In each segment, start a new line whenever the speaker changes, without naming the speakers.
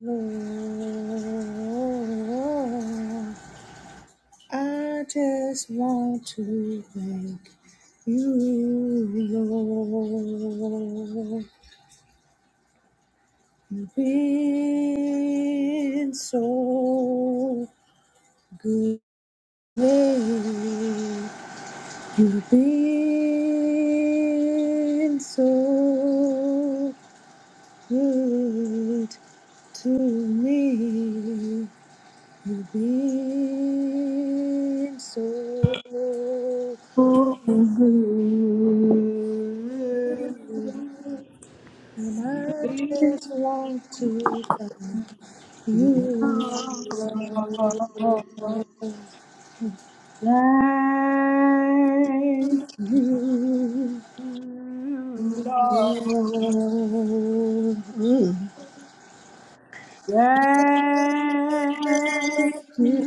Lord, I just want to thank you, Lord. You've been so good. You've been so good to me. You've been so good,
Thank you, Lord.
and I
Thank
just want to thank you, Lord. You, Lord. Mm. Thank you,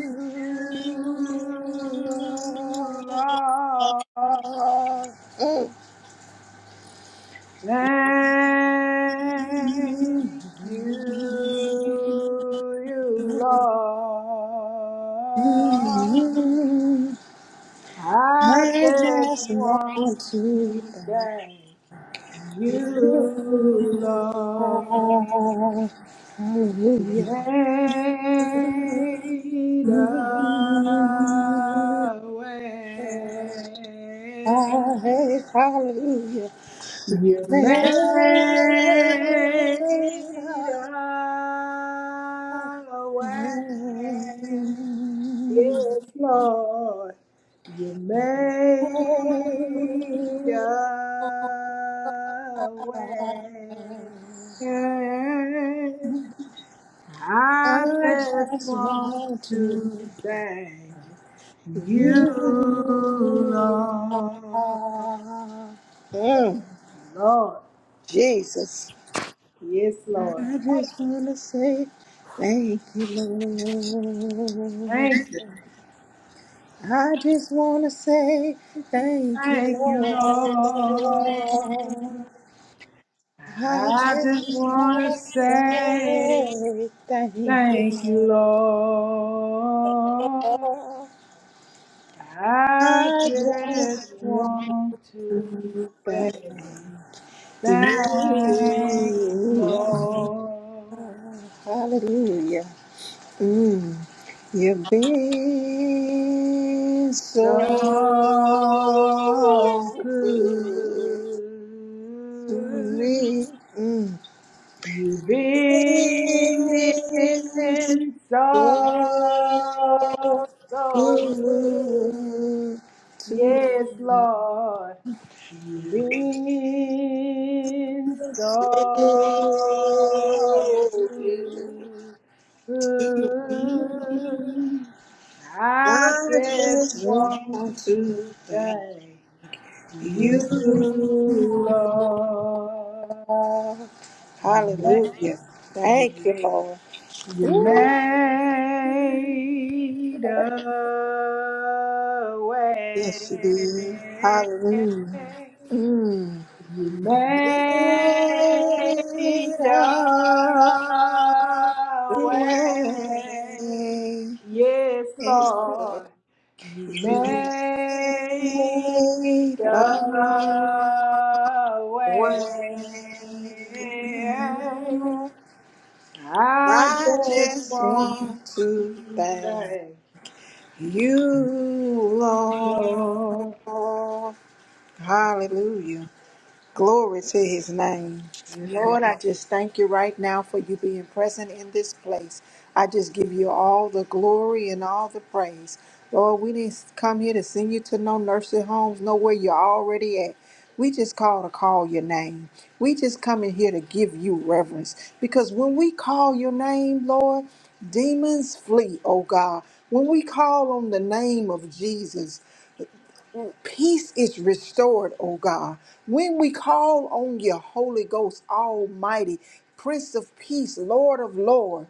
Lord. Mm.
you, Lord. Thank you, Lord.
Mm.
I
I
just
just want
want
to
to
thank
thank you,
Hallelujah.
Lord. Made a way. You made a way. Yes, Lord. You made a way. I
I
just
just
want
want
to
to
thank you,
You
Lord.
are.
Lord. Yes, Lord.
I just wanna say thank you, Lord.
Thank you.
I just wanna say thank you,
Thank you,
Lord.
Lord.
I
I just
just
want
wanna
to
say
say
thank you.
thank you, Lord. I
I
just
just wanna
want to say
thank
thank you,
you.
Lord.
Hallelujah. Mm. You've been
So
so good to
good.
me. Mm.
You've been
Been so
so, so
good
good.
to
Yes,
me.
Lord. You've been so good.
I
I just
just want
want
to
to
thank
thank
you.
you, Lord.
Lord. Hallelujah. Thank you,
You made
Lord.
a
Yes, you
way.
did. Hallelujah. Mm.
You
Made
made a
a
way.
way.
Yes,
Yes, Lord.
Lord. You
You made
made
a
a
way.
way. I
I
just
just
want
want to thank
Okay.
you, Lord.
Lord.
Hallelujah. Glory to his name.
Yes, Lord.
Lord, I just thank you right now for you being present in this place. I just give you all the glory and all the praise. Lord, we didn't come here to send you to no nursing homes, know where you're already at. We just call to call your name. We just come in here to give you reverence. Because when we call your name, Lord, demons flee, oh God. When we call on the name of Jesus, peace is restored, oh God. When we call on your Holy Ghost, Almighty, Prince of Peace, Lord of Lord.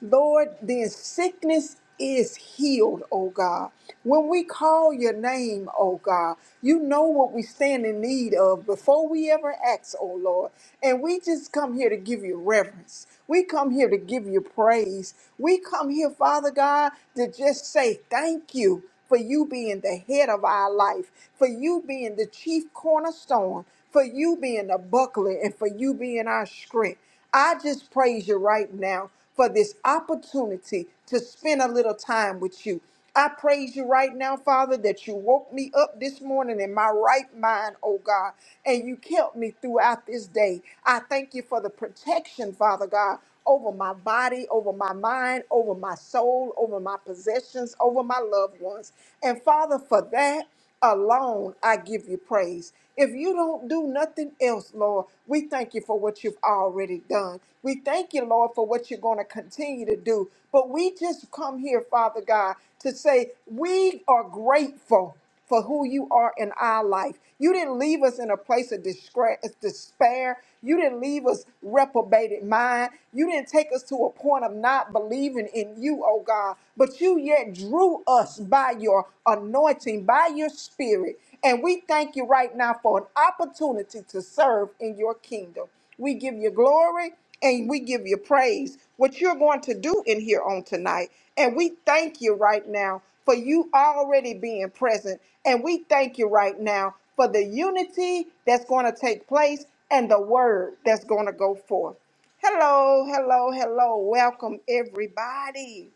Lord, then sickness is healed, oh God. When we call your name, oh God, you know what we stand in need of before we ever ask, oh Lord. And we just come here to give you reverence. We come here to give you praise. We come here, Father God, to just say thank you for you being the head of our life, for you being the chief cornerstone, for you being the buckler, and for you being our strength. I just praise you right now for this opportunity to spend a little time with you. I praise you right now, Father, that you woke me up this morning in my right mind, oh God, and you kept me throughout this day. I thank you for the protection, Father God, over my body, over my mind, over my soul, over my possessions, over my loved ones. And Father, for that, alone I give you praise. If you don't do nothing else, Lord, we thank you for what you've already done. We thank you, Lord, for what you're going to continue to do. But we just come here, Father God, to say we are grateful for who you are in our life. You didn't leave us in a place of disgra- despair. You didn't leave us reprobated mind. You didn't take us to a point of not believing in you, oh God. But you yet drew us us by your anointing, by your spirit. And we thank you right now for an opportunity to serve in your kingdom. We give you glory and we give you praise. What you're going to do in here on tonight. And we thank you right now for you already being present. And we thank you right now for the unity that's going to take place and the word that's going to go forth. Hello, hello, hello. Welcome, everybody.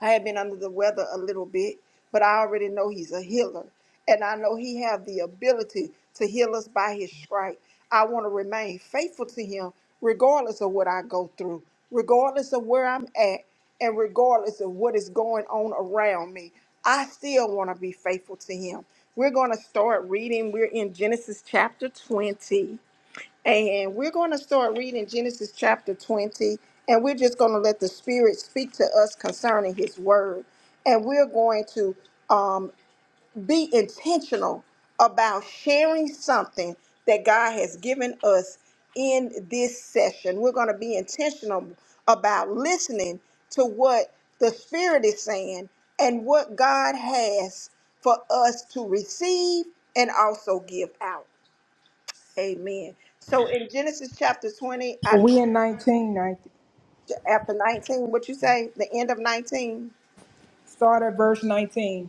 I have been under the weather a little bit, but I already know he's a healer. And I know he have the ability to heal us by his stripe. I want to remain faithful to him regardless of what I go through, regardless of where I'm at, and regardless of what is going on around me. I still want to be faithful to him. We're going to start reading. We're in Genesis chapter 20. And we're going to start reading Genesis chapter 20, and we're just going to let the Spirit speak to us concerning His Word. And we're going to um, be intentional about sharing something that God has given us in this session. We're going to be intentional about listening to what the Spirit is saying and what God has for us to receive and also give out. Amen. So in Genesis chapter 20, I,
We in nineteen, nineteen.
after 19, what you say, the end of 19,
Start at verse 19.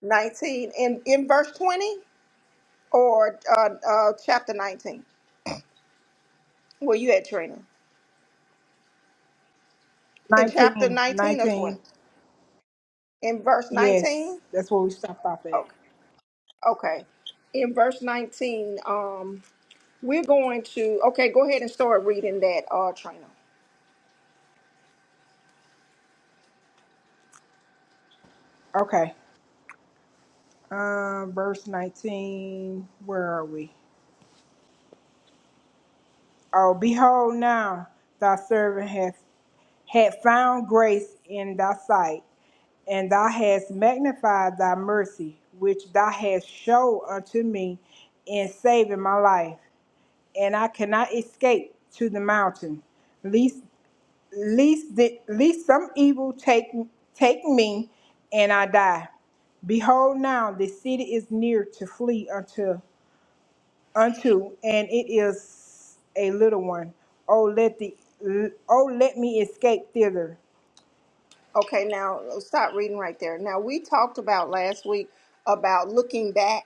19, in, in verse 20 or uh, uh, chapter 19? Where you at, Trina? In
19,
chapter 19 or
nineteen.
20? In verse
Yes,
19?
that's where we stopped off at.
Okay. Okay. In verse 19, um, we're going to, okay, go ahead and start reading that, uh, Trina.
Okay. Um, verse 19. Where are we? Oh, behold, now thy servant hath had found grace in thy sight, and thou hast magnified thy mercy, which thou hast showed unto me in saving my life. and I cannot escape to the mountain. Least, least, the, least some evil take take me, and I die. Behold, now the city is near to flee unto unto, and it is a little one. Oh, let the oh let me escape thither.
Okay, now stop reading right there. Now we talked about last week about looking back,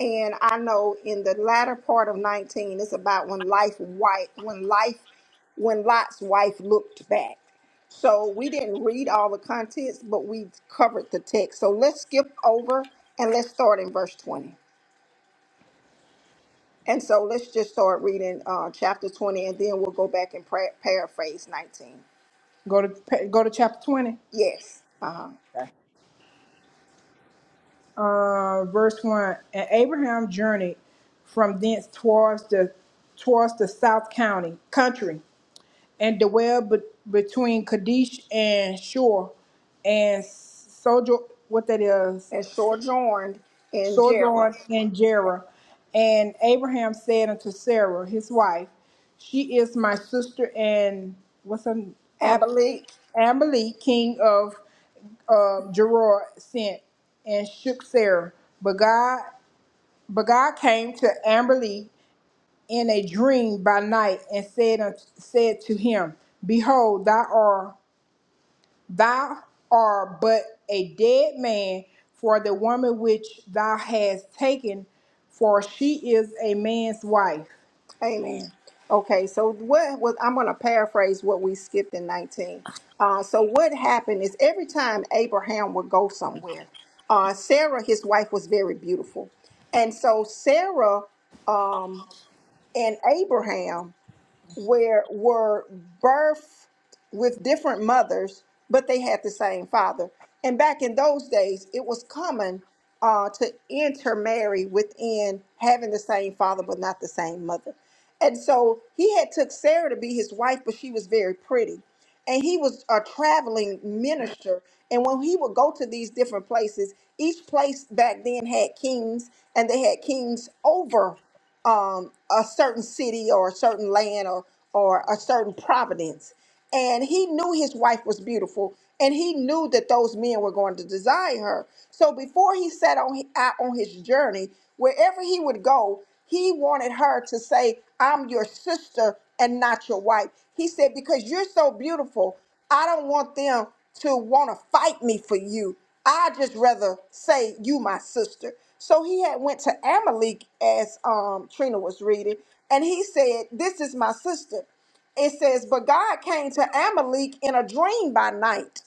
and I know in the latter part of nineteen, it's about when life white when life when Lot's wife looked back. So we didn't read all the contents, but we covered the text. So let's skip over and let's start in verse twenty. And so let's just start reading uh, chapter twenty, and then we'll go back and pra- paraphrase nineteen.
Go to pa- go to chapter twenty,
Yes. Uh huh.
uh, verse one. And Abraham journeyed from thence towards the towards the south county country and dwell be- between Kadesh and Shur, and sojourn what that is
And sojourned in Jerem.
sojourn in Jerah. And Abraham said unto Sarah, his wife, She is my sister, and what's her Ab-
Amberly,
Amalek, king of um, Gerard, sent and shook Sarah. But God, but God came to Amalek in a dream by night and said unto, said to him, Behold, thou art Thou art but a dead man for the woman which thou hast taken, for she is a man's wife.
amen. Okay, so what was I'm going to paraphrase what we skipped in 19. Uh, so what happened is every time Abraham would go somewhere, uh, Sarah, his wife, was very beautiful, and so Sarah um, and Abraham were were birth. with different mothers, but they had the same father. And back in those days, it was common uh, to intermarry within having the same father but not the same mother. And so he had took Sarah to be his wife, but she was very pretty. And he was a traveling minister. And when he would go to these different places, each place back then had kings, and they had kings over um, a certain city or a certain land or or a certain providence and he knew his wife was beautiful and he knew that those men were going to desire her so before he set on out on his journey wherever he would go he wanted her to say i'm your sister and not your wife he said because you're so beautiful i don't want them to want to fight me for you i just rather say you my sister so he had went to amalek as um, trina was reading and he said this is my sister it says, But God came to Amalek in a dream by night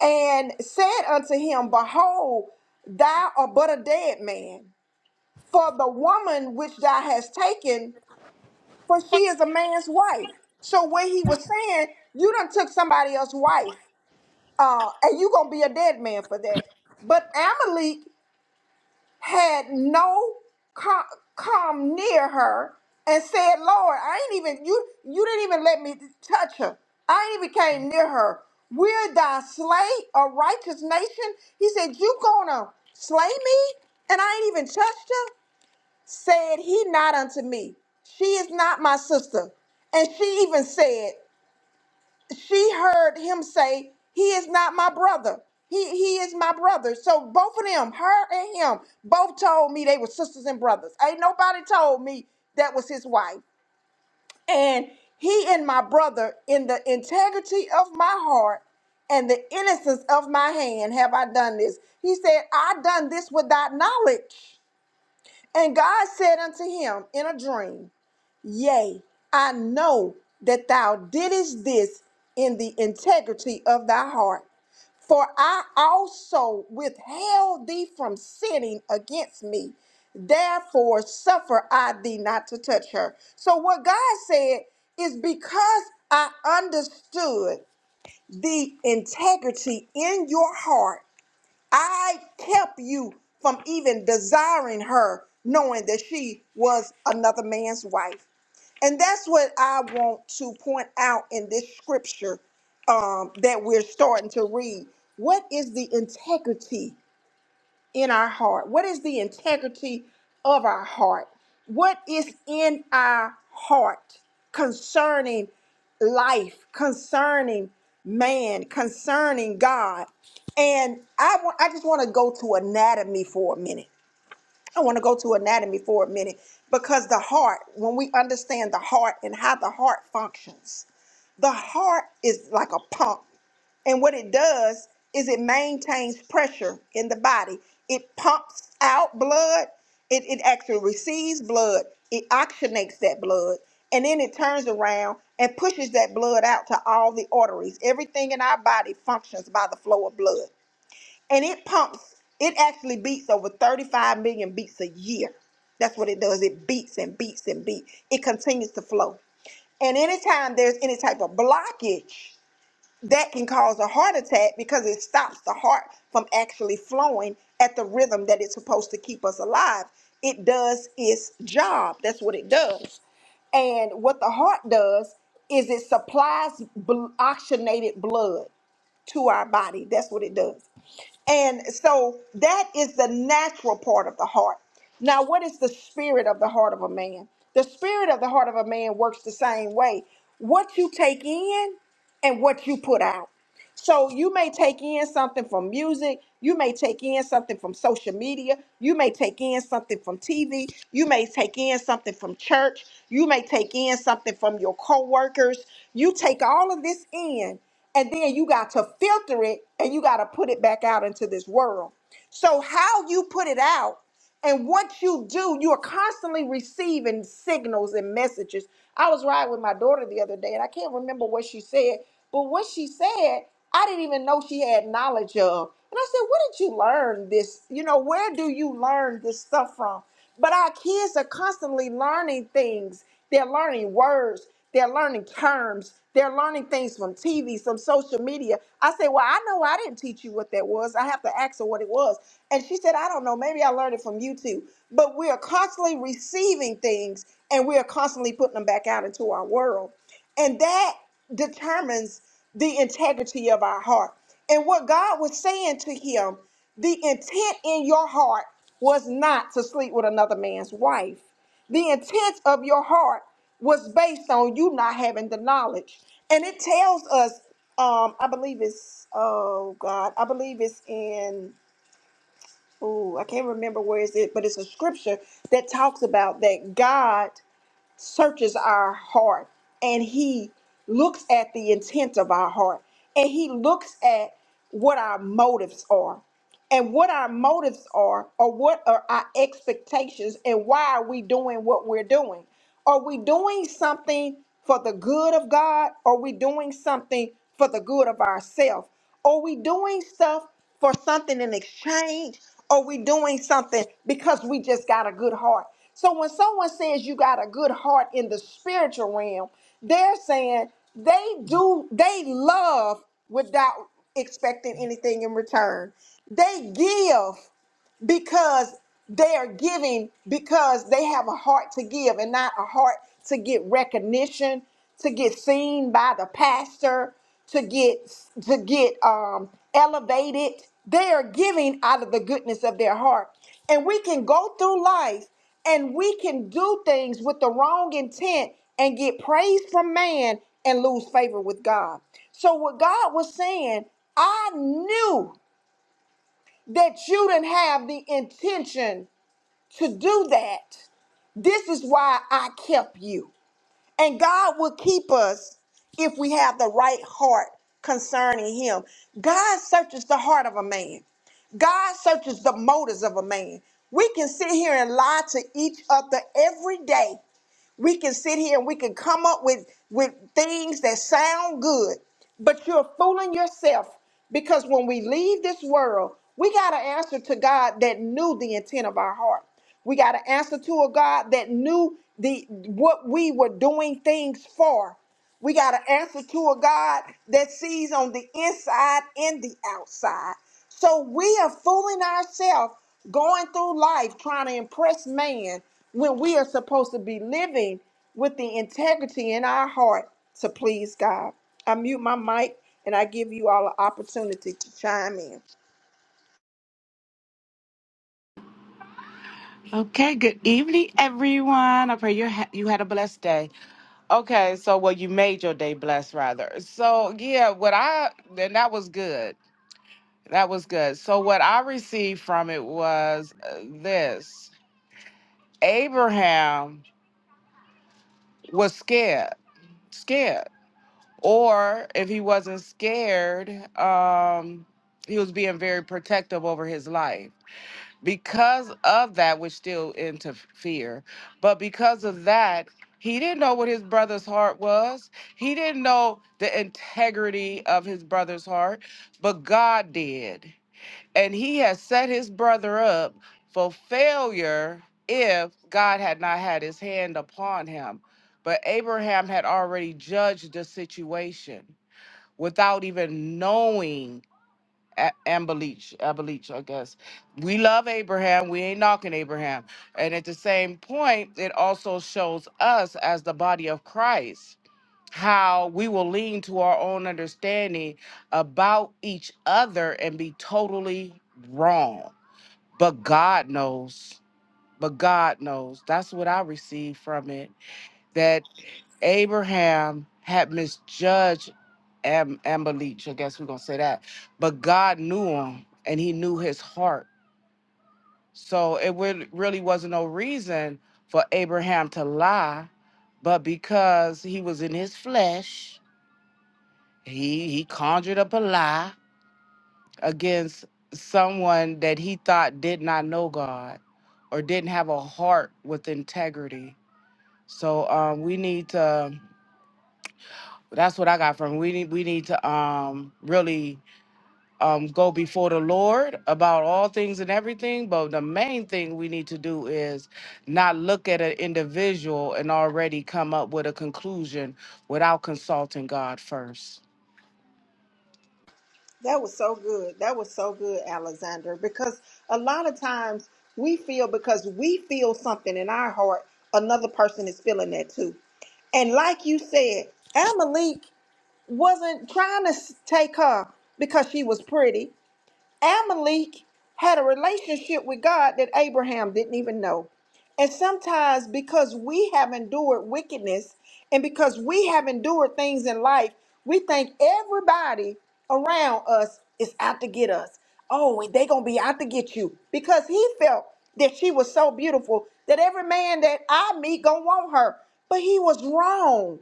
and said unto him, Behold, thou art but a dead man. For the woman which thou hast taken, for she is a man's wife. So when he was saying, You done took somebody else's wife, uh, and you gonna be a dead man for that. But Amalek had no come, come near her and said, Lord, I ain't even, you, you didn't even let me touch her. I ain't even came near her. We're thy slay, a righteous nation. He said, You gonna slay me? And I ain't even touched her? Said he not unto me. She is not my sister. And she even said, she heard him say, "He is not my brother. He he is my brother." So both of them, her and him, both told me they were sisters and brothers. Ain't nobody told me that was his wife. And he and my brother, in the integrity of my heart and the innocence of my hand, have I done this. He said, "I done this without knowledge." And God said unto him in a dream. Yea, I know that thou didst this in the integrity of thy heart. For I also withheld thee from sinning against me. Therefore, suffer I thee not to touch her. So, what God said is because I understood the integrity in your heart I kept you from even desiring her, knowing that she was another man's wife. And that's what I want to point out in this scripture um, that we're starting to read. What is the integrity? in our heart? What is the integrity of our heart? What is in our heart concerning life, concerning man, concerning God? And I, wa- I just want to go to anatomy for a minute I want to go to anatomy for a minute because the heart, when we understand the heart and how the heart functions, the heart is like a pump. And what it does is it maintains pressure in the body. It pumps out blood. It, it actually receives blood. It oxygenates that blood. And then it turns around and pushes that blood out to all the arteries. Everything in our body functions by the flow of blood and it pumps it actually beats over 35 million beats a year that's what it does it beats and beats and beats it continues to flow and anytime there's any type of blockage that can cause a heart attack because it stops the heart from actually flowing at the rhythm that it's supposed to keep us alive it does its job that's what it does and what the heart does is it supplies bl- oxygenated blood to our body. That's what it does. And so that is the natural part of the heart. Now, what is the spirit of the heart of a man? The spirit of the heart of a man works the same way. What you take in and what you put out. So you may take in something from music, you may take in something from social media, you may take in something from TV, you may take in something from church, you may take in something from your coworkers. You take all of this in and then you got to filter it and you got to put it back out into this world. So how you put it out and what you do, you are constantly receiving signals and messages. I was riding with my daughter the other day, and I can't remember what she said, but what she said, I didn't even know she had knowledge of. And I said, Where did you learn this? You know, where do you learn this stuff from? But our kids are constantly learning things. They're learning words. They're learning terms. They're learning things from TV, some social media. I say, Well, I know I didn't teach you what that was. I have to ask her what it was. And she said, I don't know. Maybe I learned it from YouTube. But we are constantly receiving things and we are constantly putting them back out into our world. And that determines the integrity of our heart. And what God was saying to him, the intent in your heart was not to sleep with another man's wife. The intent of your heart was based on you not having the knowledge. And it tells us, um, I believe it's oh God, I believe it's in oh, I can't remember where is it, but it's a scripture that talks about that God searches our heart and he looks at the intent of our heart and he looks at what our motives are and what our motives are or what are our expectations and why are we doing what we're doing are we doing something for the good of god are we doing something for the good of ourselves are we doing stuff for something in exchange are we doing something because we just got a good heart so when someone says you got a good heart in the spiritual realm they're saying they do they love without expecting anything in return. They give because they are giving because they have a heart to give and not a heart to get recognition, to get seen by the pastor, to get to get um, elevated. They are giving out of the goodness of their heart, and we can go through life and we can do things with the wrong intent and get praise from man and lose favor with God. So what God was saying, I knew that you didn't have the intention to do that. This is why I kept you. And God will keep us if we have the right heart concerning Him. God searches the heart of a man, God searches the motives of a man. We can sit here and lie to each other every day we can sit here and we can come up with, with things that sound good, but you're fooling yourself because when we leave this world, we got to answer to God that knew the intent of our heart. We got to answer to a God that knew the what we were doing things for. We got to answer to a God that sees on the inside and the outside. So we are fooling ourselves going through life trying to impress man when we are supposed to be living with the integrity in our heart to please God. I mute my mic and I give you all an opportunity to chime in.
Okay, good evening, everyone. I pray you ha- you had a blessed day. Okay, so well, you made your day blessed, rather. So yeah, what I then that was good. That was good. So what I received from it was uh, this: Abraham was scared, scared, or if he wasn't scared, um, he was being very protective over his life because of that, which still interfere, but because of that, he didn't know what his brother's heart was. He didn't know the integrity of his brother's heart, but God did. And he has set his brother up for failure if God had not had his hand upon him. But Abraham had already judged the situation without even knowing a- Ambelich, Ambelich, I guess. We love Abraham. We ain't knocking Abraham. And at the same point, it also shows us as the body of Christ how we will lean to our own understanding about each other and be totally wrong. But God knows. But God knows. That's what I received from it. Abraham had misjudged Am- Amalek. I guess we're gonna say that. But God knew him, and He knew his heart. So it wa- really wasn't no reason for Abraham to lie, but because he was in his flesh, he he conjured up a lie against someone that he thought did not know God or didn't have a heart with integrity. So um, we need to. that's what I got from. We need we need to um really um go before the Lord about all things and everything. But the main thing we need to do is not look at an individual and already come up with a conclusion without consulting God first.
That was so good. That was so good, Alexander, because a lot of times we feel because we feel something in our heart, another person is feeling that too. And like you said, Amalek wasn't trying to s- take her because she was pretty. Amalek had a relationship with God that Abraham didn't even know. And sometimes because we have endured wickedness and because we have endured things in life, we think everybody around us is out to get us. Oh, they gonna be out to get you. Because he felt that she was so beautiful that every man that I meet gonna want her. But he was wrong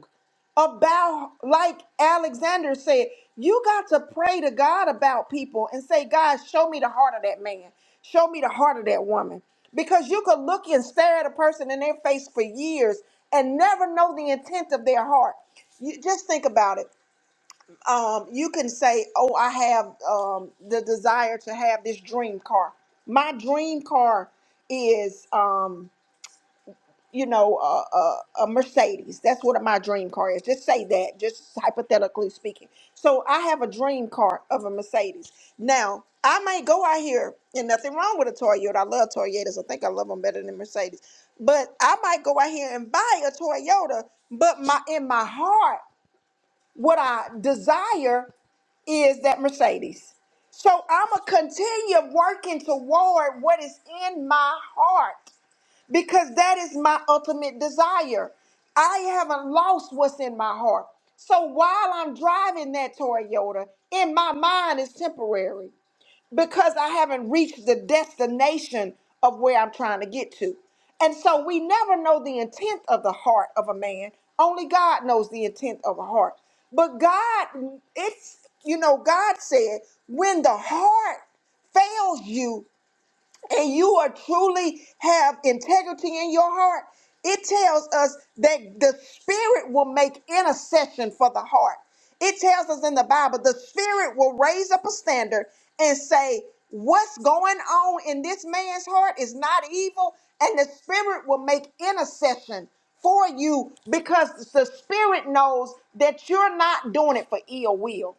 about like Alexander said, you got to pray to God about people and say, God, show me the heart of that man. Show me the heart of that woman. Because you could look and stare at a person in their face for years and never know the intent of their heart. You just think about it. Um, you can say, Oh, I have um, the desire to have this dream car. My dream car is um, you know, a, a, a Mercedes. That's what my dream car is. Just say that, just hypothetically speaking. So I have a dream car of a Mercedes. Now, I may go out here, and nothing wrong with a Toyota. I love Toyotas. I think I love them better than Mercedes. But I might go out here and buy a Toyota, but my in my heart, what I desire is that Mercedes. So I'm going to continue working toward what is in my heart because that is my ultimate desire. I haven't lost what's in my heart. So while I'm driving that Toyota, in my mind it's temporary because I haven't reached the destination of where I'm trying to get to. And so we never know the intent of the heart of a man. Only God knows the intent of a heart. But God, it's, you know, God said, when the heart fails you, and you are truly have integrity in your heart, it tells us that the spirit will make intercession for the heart. It tells us in the Bible the spirit will raise up a standard and say, What's going on in this man's heart is not evil, and the spirit will make intercession for you because the spirit knows that you're not doing it for ill will.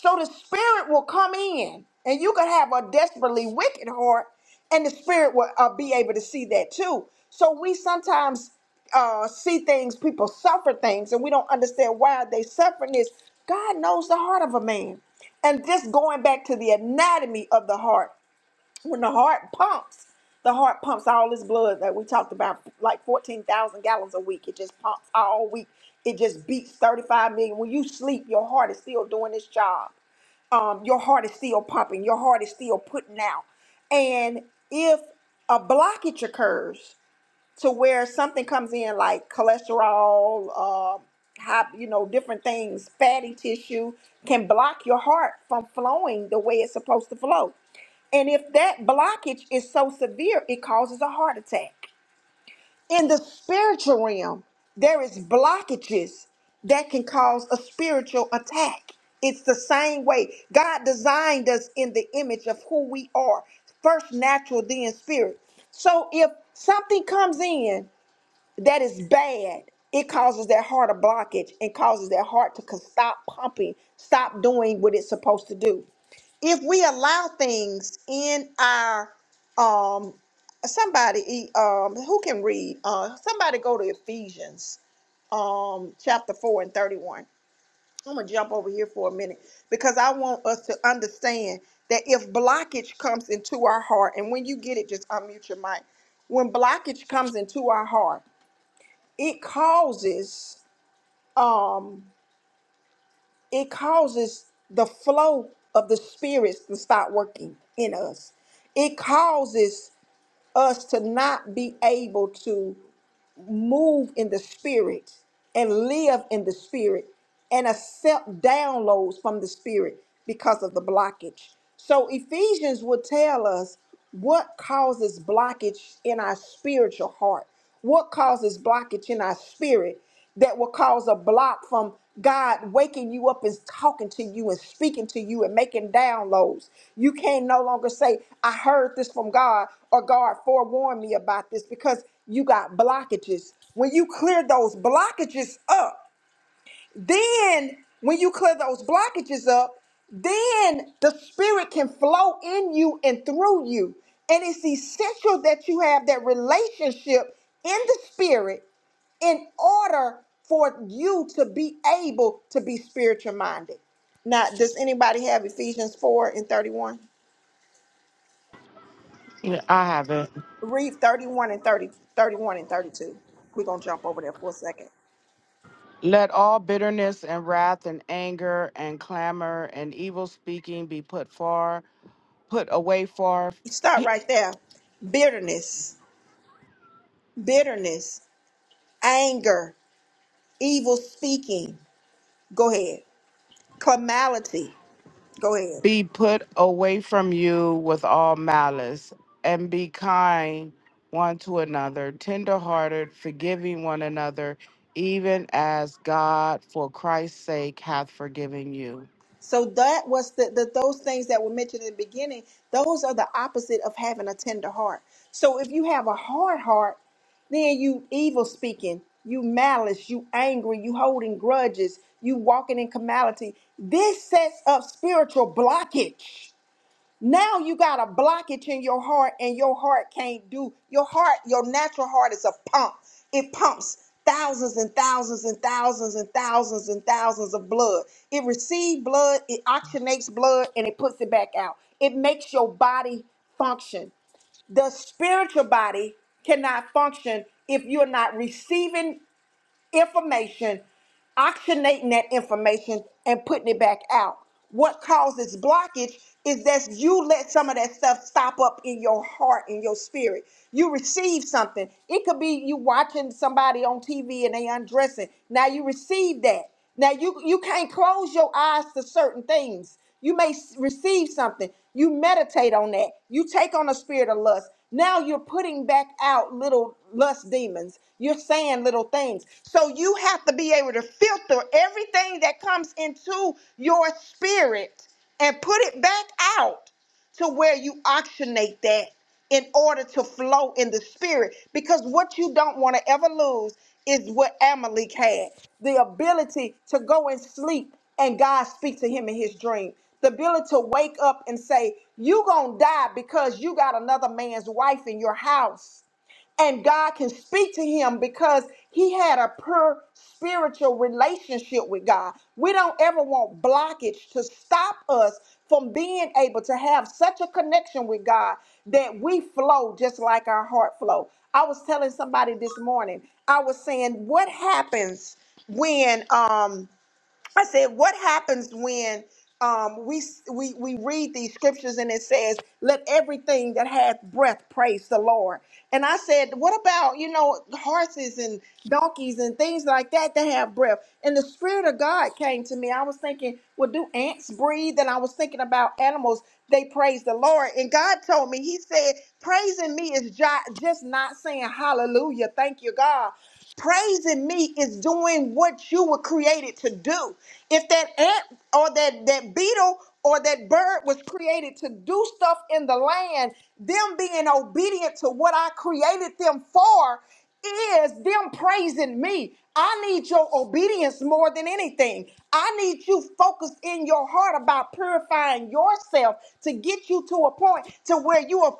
So the spirit will come in, and you could have a desperately wicked heart, and the spirit will uh, be able to see that too. So we sometimes uh, see things, people suffer things, and we don't understand why they suffering this. God knows the heart of a man. And just going back to the anatomy of the heart when the heart pumps, the heart pumps all this blood that we talked about, like 14,000 gallons a week. It just pumps all week. It just beats 35 million. When you sleep, your heart is still doing its job. Um, your heart is still pumping. Your heart is still putting out. And if a blockage occurs, to where something comes in like cholesterol, uh, high, you know, different things, fatty tissue can block your heart from flowing the way it's supposed to flow. And if that blockage is so severe, it causes a heart attack. In the spiritual realm, there is blockages that can cause a spiritual attack. It's the same way God designed us in the image of who we are, first natural, then spirit. So if something comes in that is bad. It causes that heart a blockage and causes that heart to con- stop pumping, stop doing what it's supposed to do. If we allow things in our um somebody e, um who can read uh somebody go to Ephesians um chapter 4 and 31. I'm going to jump over here for a minute because I want us to understand that if blockage comes into our heart and when you get it just unmute your mic. When blockage comes into our heart it causes um it causes the flow of the spirits to stop working in us it causes us to not be able to move in the spirit and live in the spirit and accept downloads from the spirit because of the blockage so ephesians would tell us what causes blockage in our spiritual heart what causes blockage in our spirit that will cause a block from God waking you up and talking to you and speaking to you and making downloads. You can no longer say, I heard this from God or God forewarned me about this because you got blockages. When you clear those blockages up, then, when you clear those blockages up, then the Spirit can flow in you and through you. And it's essential that you have that relationship in the Spirit in order for you to be able to be spiritual minded. Now, does anybody have Ephesians 4 and 31?
Yeah, I haven't.
Read 31 and 30, 31 and 32. We're going to jump over there for a second.
Let all bitterness and wrath and anger and clamor and evil speaking be put far, put away far.
Start right there. Bitterness, bitterness, anger. evil speaking. Go ahead. Calamity. Go ahead.
Be put away from you with all malice, and be kind one to another, tenderhearted, forgiving one another, even as God for Christ's sake hath forgiven you.
So that was the, the those things that were mentioned in the beginning. Those are the opposite of having a tender heart. So if you have a hard heart, then you evil speaking, you malice, you angry, you holding grudges, you walking in calamity. This sets up spiritual blockage. Now you got a blockage in your heart, and your heart can't do your heart, your natural heart is a pump. It pumps thousands and thousands and thousands and thousands and thousands of blood. It receives blood, it oxygenates blood, and it puts it back out. It makes your body function the spiritual body cannot function if you're not receiving information, oxygenating that information and putting it back out. What causes blockage is that you let some of that stuff stop up in your heart, in your spirit. You receive something. It could be you watching somebody on TV and they undressing. Now you receive that. Now you you can't close your eyes to certain things. You may s- receive something. You meditate on that. You take on a spirit of lust. Now you're putting back out little lust demons. You're saying little things. So you have to be able to filter everything that comes into your spirit and put it back out to where you auctionate that in order to flow in the spirit. Because what you don't want to ever lose is what Amalek had the ability to go and sleep and God speak to him in his dream. The ability to wake up and say, you going to die because you got another man's wife in your house and God can speak to him because he had a pure spiritual relationship with God. We don't ever want blockage to stop us from being able to have such a connection with God that we flow just like our heart flow. I was telling somebody this morning, I was saying, what happens when um I said, what happens when um, we, we we read these scriptures and it says, "Let everything that hath breath praise the Lord." And I said, what about you know horses and donkeys and things like that that have breath? And the spirit of God came to me. I was thinking, well, do ants breathe? And I was thinking about animals. They praise the Lord. And God told me, He said, praising me is jo- just not saying hallelujah, thank you, God. Praising me is doing what you were created to do. If that ant or that, that beetle or that bird was created to do stuff in the land, them being obedient to what I created them for is them praising me. I need your obedience more than anything. I need you focused in your heart about purifying yourself to get you to a point to where you are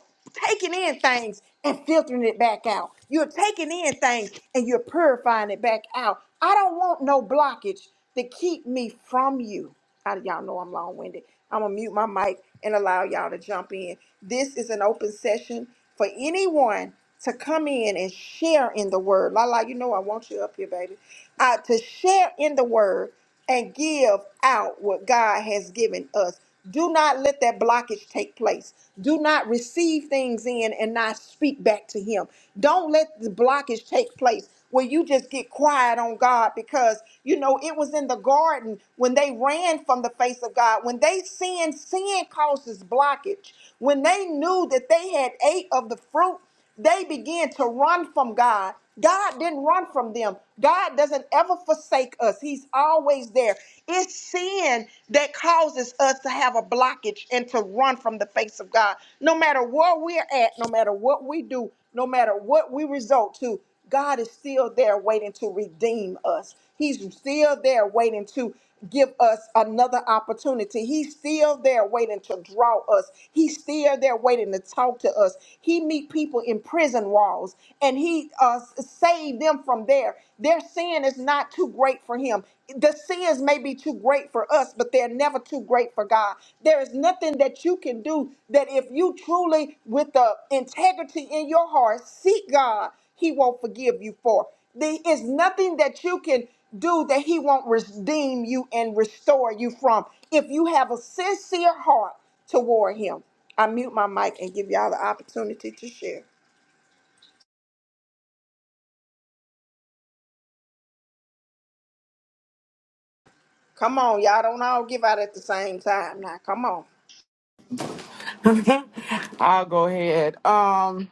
taking in things and filtering it back out. You're taking in things and you're purifying it back out. I don't want no blockage to keep me from you. I, y'all know I'm long winded. I'm going to mute my mic and allow y'all to jump in. This is an open session for anyone to come in and share in the word. Lala, you know I want you up here, baby. Uh, to share in the word and give out what God has given us. Do not let that blockage take place. Do not receive things in and not speak back to Him. Don't let the blockage take place where you just get quiet on God because, you know, it was in the garden when they ran from the face of God. When they sinned, sin causes blockage. When they knew that they had ate of the fruit, they began to run from God. God didn't run from them. God doesn't ever forsake us. He's always there. It's sin that causes us to have a blockage and to run from the face of God. No matter where we're at, no matter what we do, no matter what we resort to, God is still there waiting to redeem us. He's still there waiting to give us another opportunity. He's still there waiting to draw us. He's still there waiting to talk to us. He meet people in prison walls and he uh, saved them from there. Their sin is not too great for him. The sins may be too great for us, but they're never too great for God. There is nothing that you can do that if you truly, with the integrity in your heart, seek God he won't forgive you for. There is nothing that you can do that he won't redeem you and restore you from if you have a sincere heart toward him. I mute my mic and give y'all the opportunity to share. Come on, y'all don't all give out at the same time now. Come on.
I'll go ahead. Um,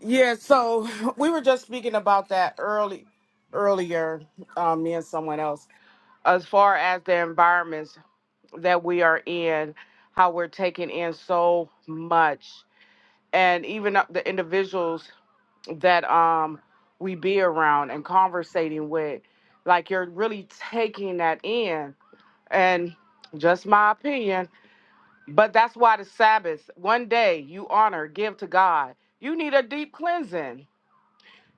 yeah, so we were just speaking about that early earlier, um, me and someone else, as far as the environments that we are in, how we're taking in so much and even up the individuals that um we be around and conversating with like you're really taking that in and just my opinion but that's why the sabbath one day you honor give to god you need a deep cleansing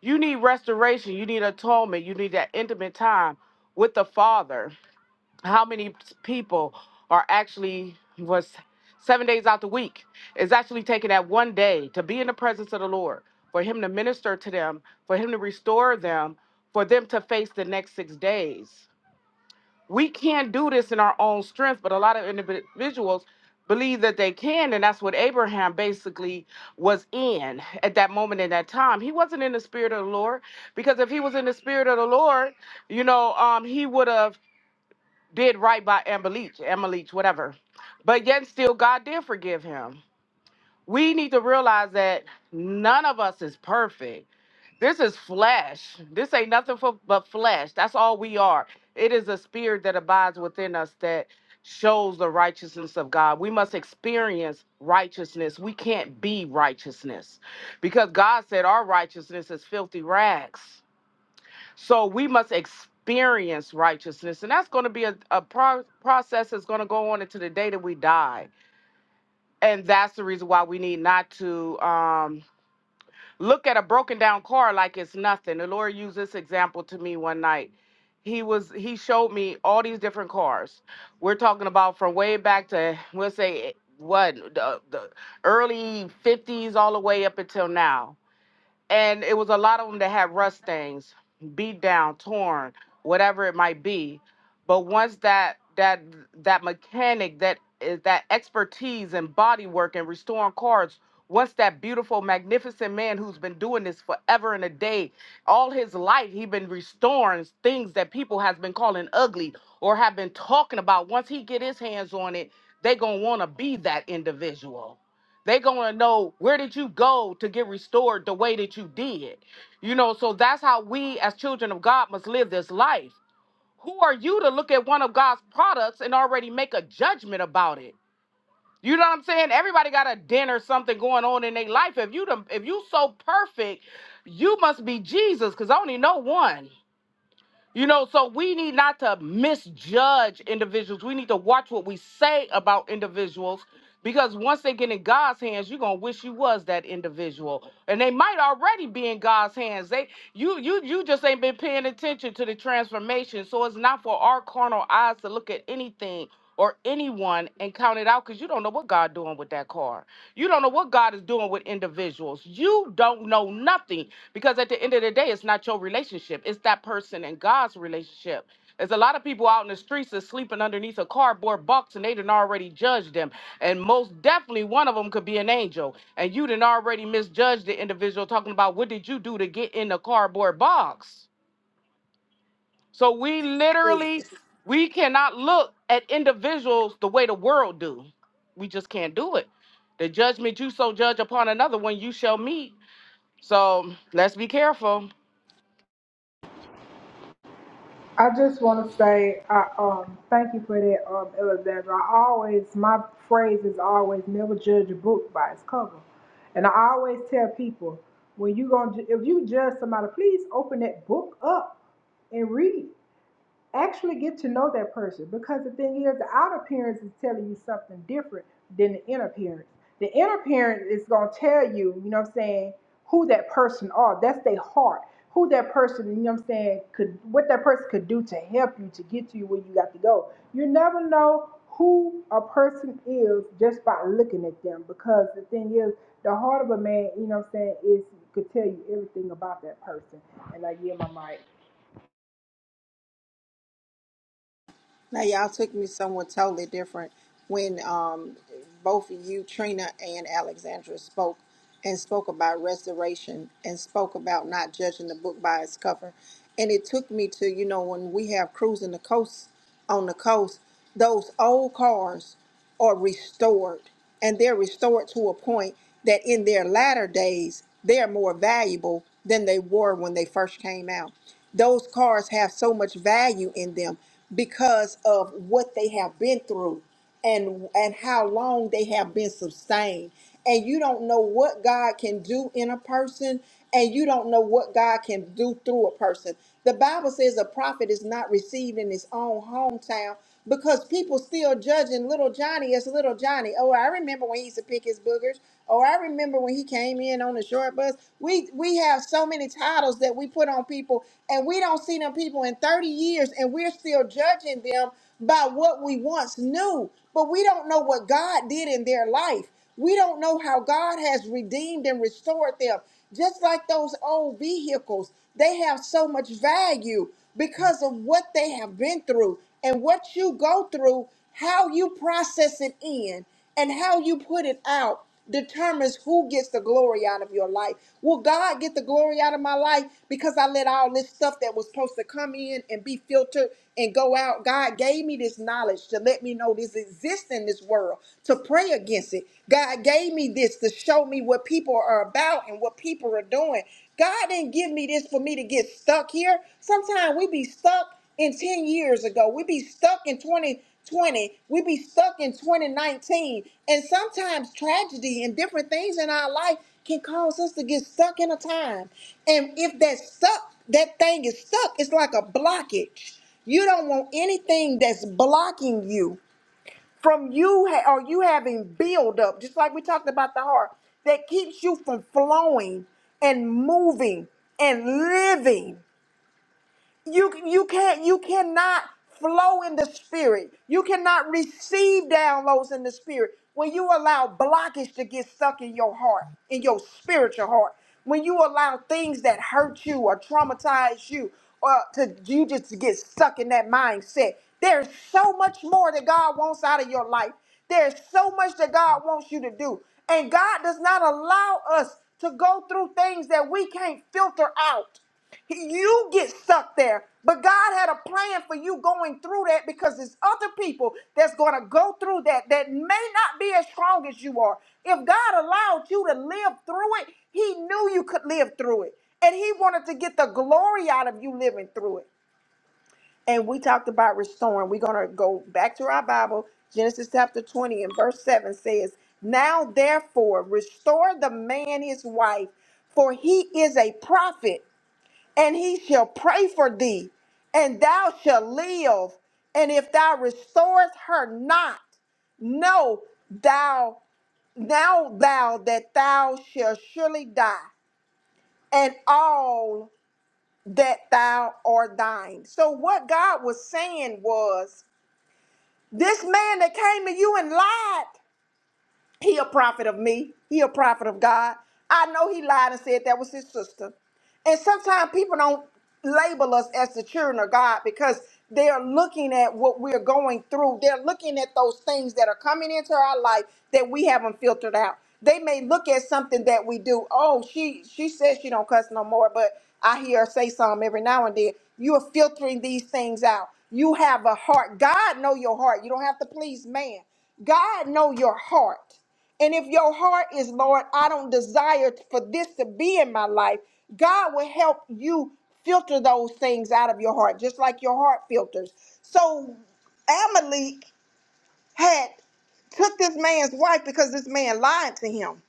you need restoration you need atonement you need that intimate time with the father how many people are actually was seven days out the week is actually taking that one day to be in the presence of the Lord, for Him to minister to them, for Him to restore them, for them to face the next six days. We can't do this in our own strength, but a lot of individuals believe that they can, and that's what Abraham basically was in at that moment in that time. He wasn't in the spirit of the Lord because if he was in the spirit of the Lord, you know, um, he would have did right by Amber Leach, Emma Leach, whatever. But yet still God did forgive him. We need to realize that none of us is perfect. This is flesh. This ain't nothing for but flesh. That's all we are. It is a spirit that abides within us that shows the righteousness of God. We must experience righteousness. We can't be righteousness because God said our righteousness is filthy rags. So we must experience righteousness. And that's going to be a, a pro- process that's going to go on into the day that we die. And that's the reason why we need not to um, look at a broken down car like it's nothing. The Lord used this example to me one night. He was he showed me all these different cars. We're talking about from way back to we'll say eh, what the, the early 50s all the way up until now and it was a lot of them that had rust stains, beat down, torn, whatever it might be. But once that that that mechanic that is that expertise and body work and restoring cars, once that beautiful, magnificent man who's been doing this forever and a day, all his life he been restoring things that people has been calling ugly or have been talking about. Once he get his hands on it, they gonna wanna be that individual they going to know where did you go to get restored the way that you did you know so that's how we as children of god must live this life who are you to look at one of god's products and already make a judgment about it you know what i'm saying everybody got a dent or something going on in their life if you the, if you so perfect you must be jesus because i only know one you know, so we need not to misjudge individuals. We need to watch what we say about individuals because once they get in God's hands, you're gonna wish you was that individual. And they might already be in God's hands. They you you you just ain't been paying attention to the transformation. So it's not for our carnal eyes to look at anything or anyone and count it out because you don't know what God doing with that car. You don't know what God is doing with individuals. You don't know nothing. Because at the end of the day, it's not your relationship, it's that person and God's relationship. There's a lot of people out in the streets that's sleeping underneath a cardboard box and they done already judged them. And most definitely one of them could be an angel. And you done already misjudged the individual talking about what did you do to get in the cardboard box. So we literally we cannot look at individuals the way the world do. We just can't do it. The judgment you so judge upon another one you shall meet. So let's be careful
I just want to say, I um, thank you for that, um, Alexandra. I always, my phrase is always, never judge a book by its cover, and I always tell people, when you gonna, ju- if you judge somebody, please open that book up and read. actually get to know that person because the thing is the outer appearance is telling you something different than the inner appearance the inner appearance is going to tell you you know what i'm saying who that person are that's their heart who that person you know what i'm saying could what that person could do to help you to get to you where you got to go you never know who a person is just by looking at them because the thing is the heart of a man you know what i'm saying is could tell you everything about that person and i yield my mic
Now y'all took me somewhere totally different when um, both of you, Trina and Alexandra, spoke and spoke about restoration and spoke about not judging the book by its cover. And it took me to, you know, when we have cruising the coast on the coast, those old cars are restored and they're restored to a point that in their latter days they're more valuable than they were when they first came out. Those cars have so much value in them because of what they have been through and and how long they have been sustained. And you don't know what God can do in a person and you don't know what God can do through a person. The Bible says a prophet is not received in his own hometown because people still judging little Johnny as little Johnny. Oh, I remember when he used to pick his boogers. Oh, I remember when he came in on the short bus. We we have so many titles that we put on people, and we don't see them people in 30 years, and we're still judging them by what we once knew, but we don't know what God did in their life. We don't know how God has redeemed and restored them. Just like those old vehicles, they have so much value because of what they have been through and what you go through, how you process it in and how you put it out determines who gets the glory out of your life. Will God get the glory out of my life because I let all this stuff that was supposed to come in and be filtered and go out? God gave me this knowledge to let me know this exists in this world, to pray against it. God gave me this to show me what people are about and what people are doing. God didn't give me this for me to get stuck here. Sometimes we be stuck in 10 years ago. we be stuck in 2020. we be stuck in 2019. And sometimes tragedy and different things in our life can cause us to get stuck in a time. And if that stuck, that thing is stuck, it's like a blockage. You don't want anything that's blocking you from you ha- or you having buildup, just like we talked about the heart, that keeps you from flowing and moving and living you you can't you cannot flow in the spirit you cannot receive downloads in the spirit when you allow blockage to get stuck in your heart in your spiritual heart when you allow things that hurt you or traumatize you or to you just get stuck in that mindset there's so much more that god wants out of your life there's so much that god wants you to do and god does not allow us to go through things that we can't filter out you get stuck there. But God had a plan for you going through that because there's other people that's going to go through that that may not be as strong as you are. If God allowed you to live through it, He knew you could live through it. And He wanted to get the glory out of you living through it. And we talked about restoring. We're going to go back to our Bible. Genesis chapter 20 and verse 7 says, Now therefore, restore the man his wife, for he is a prophet and he shall pray for thee, and thou shalt live. And if thou restorest her not, know thou now thou that thou shalt surely die, and all that thou art thine. So what God was saying was, this man that came to you and lied. He a prophet of me. He a prophet of God. I know he lied and said that was his sister. And sometimes people don't label us as the children of God because they are looking at what we're going through. They're looking at those things that are coming into our life that we haven't filtered out. They may look at something that we do. Oh, she she says she don't cuss no more, but I hear her say something every now and then. You are filtering these things out. You have a heart. God know your heart. You don't have to please man. God know your heart. And if your heart is, Lord, I don't desire for this to be in my life, God will help you filter those things out of your heart, just like your heart filters. So Amalek had took this man's wife because this man lied to him.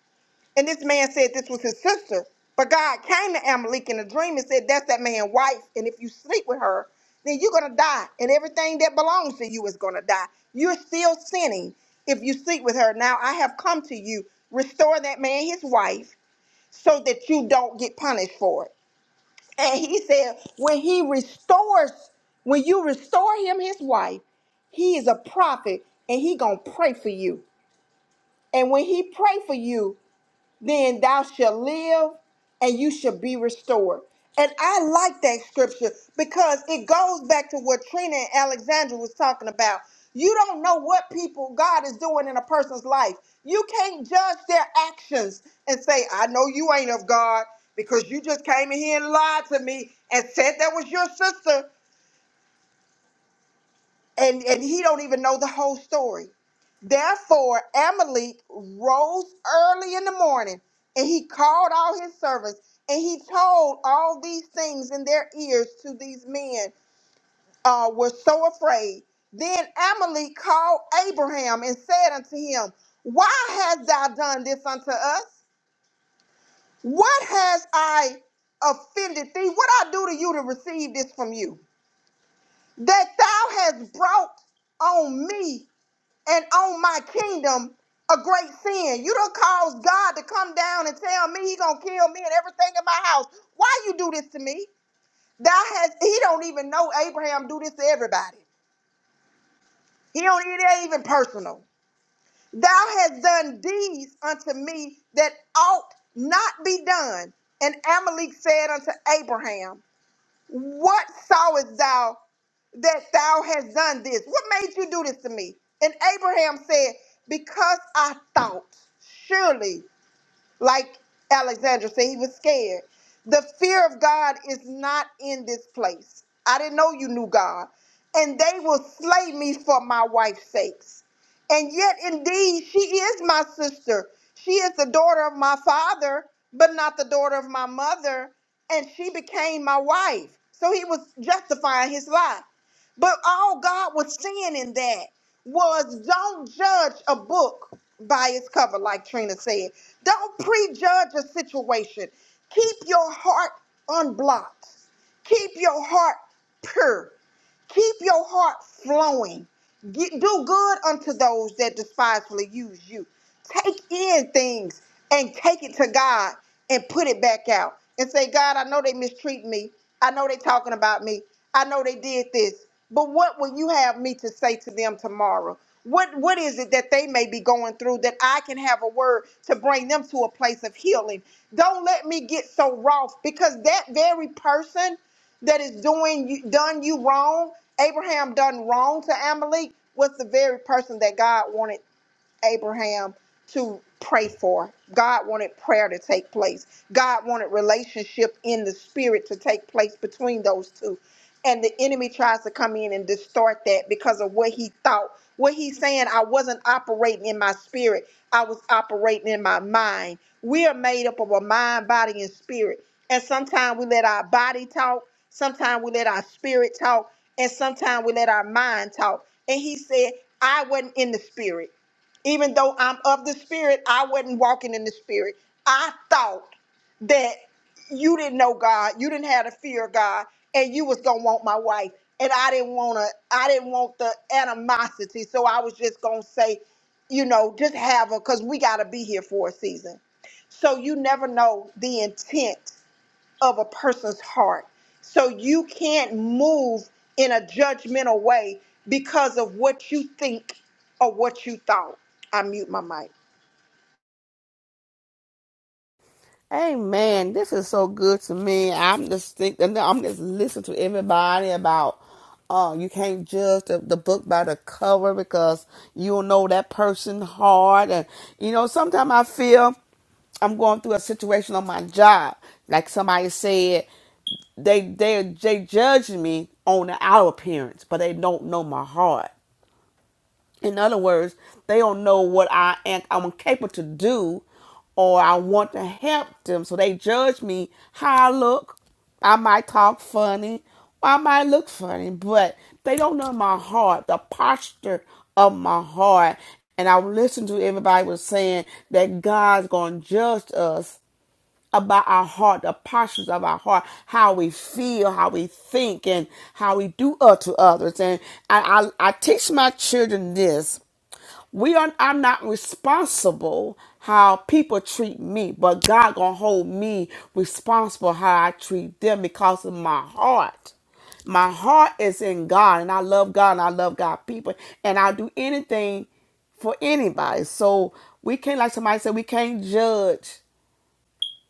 And this man said this was his sister. But God came to Amalek in a dream and said, That's that man's wife. And if you sleep with her, then you're going to die. And everything that belongs to you is going to die. You're still sinning if you sleep with her. Now I have come to you. Restore that man his wife so that you don't get punished for it. And he said, When he restores, when you restore him his wife, he is a prophet and he gonna pray for you. And when he pray for you, then thou shalt live and you shall be restored. And I like that scripture because it goes back to what Trina and Alexandra was talking about. You don't know what people God is doing in a person's life. You can't judge their actions and say, I know you ain't of God because you just came in here and lied to me and said that was your sister and and he don't even know the whole story. Therefore, Amalek rose early in the morning, and he called all his servants, and he told all these things in their ears to these men. Uh, were so afraid. Then Amalek called Abraham and said unto him, Why hast thou done this unto us? What has I offended thee? What I do to you to receive this from you? That thou hast brought on me and on my kingdom a great sin. You don't cause God to come down and tell me he gonna kill me and everything in my house. Why you do this to me? Thou has he don't even know Abraham do this to everybody. He don't it ain't even personal. Thou hast done deeds unto me that ought not be done. And Amalek said unto Abraham, What sawest thou that thou hast done this? What made you do this to me? And Abraham said, Because I thought, surely like Alexandra said, he was scared. The fear of God is not in this place. I didn't know you knew God. And they will slay me for my wife's sakes. And yet, indeed, she is my sister. She is the daughter of my father, but not the daughter of my mother. And she became my wife. So he was justifying his lie. But all God was seeing in that was don't judge a book by its cover, like Trina said. Don't prejudge a situation. Keep your heart unblocked. Keep your heart pure. Keep your heart flowing. Get, do good unto those that despisefully use you. Take in things and take it to God and put it back out and say, God, I know they mistreat me. I know they talking about me. I know they did this. But what will you have me to say to them tomorrow? What what is it that they may be going through that I can have a word to bring them to a place of healing? Don't let me get so wroth because that very person that is doing you, done you wrong, Abraham done wrong to Amalek was the very person that God wanted Abraham to pray for. God wanted prayer to take place. God wanted relationship in the spirit to take place between those two. And the enemy tries to come in and distort that because of what he thought. What he's saying, I wasn't operating in my spirit, I was operating in my mind. We are made up of a mind, body, and spirit. And sometimes we let our body talk, sometimes we let our spirit talk, and sometimes we let our mind talk. And he said, I wasn't in the spirit. Even though I'm of the spirit, I wasn't walking in the spirit. I thought that you didn't know God, you didn't have the fear of God, and you was gonna want my wife. And I didn't wanna, I didn't want the animosity. So I was just gonna say, you know, just have her because we gotta be here for a season. So you never know the intent of a person's heart. So you can't move in a judgmental way because of what you think or what you thought. I mute my mic.
Hey man, this is so good to me. I'm just thinking, I'm just listening to everybody about, oh, uh, you can't judge the, the book by the cover because you don't know that person hard. And, you know, sometimes I feel I'm going through a situation on my job. Like somebody said, they, they, they judge me on the outer appearance, but they don't know my heart. In other words, they don't know what I am I'm capable to do or I want to help them. So they judge me how I look. I might talk funny. I might look funny, but they don't know my heart, the posture of my heart. And I listened to everybody was saying that God's gonna judge us about our heart, the postures of our heart, how we feel, how we think, and how we do unto others. And I, I, I teach my children this we are I'm not responsible how people treat me, but God gonna hold me responsible how I treat them because of my heart. My heart is in God and I love God and I love God people and I'll do anything for anybody. So we can't like somebody said we can't judge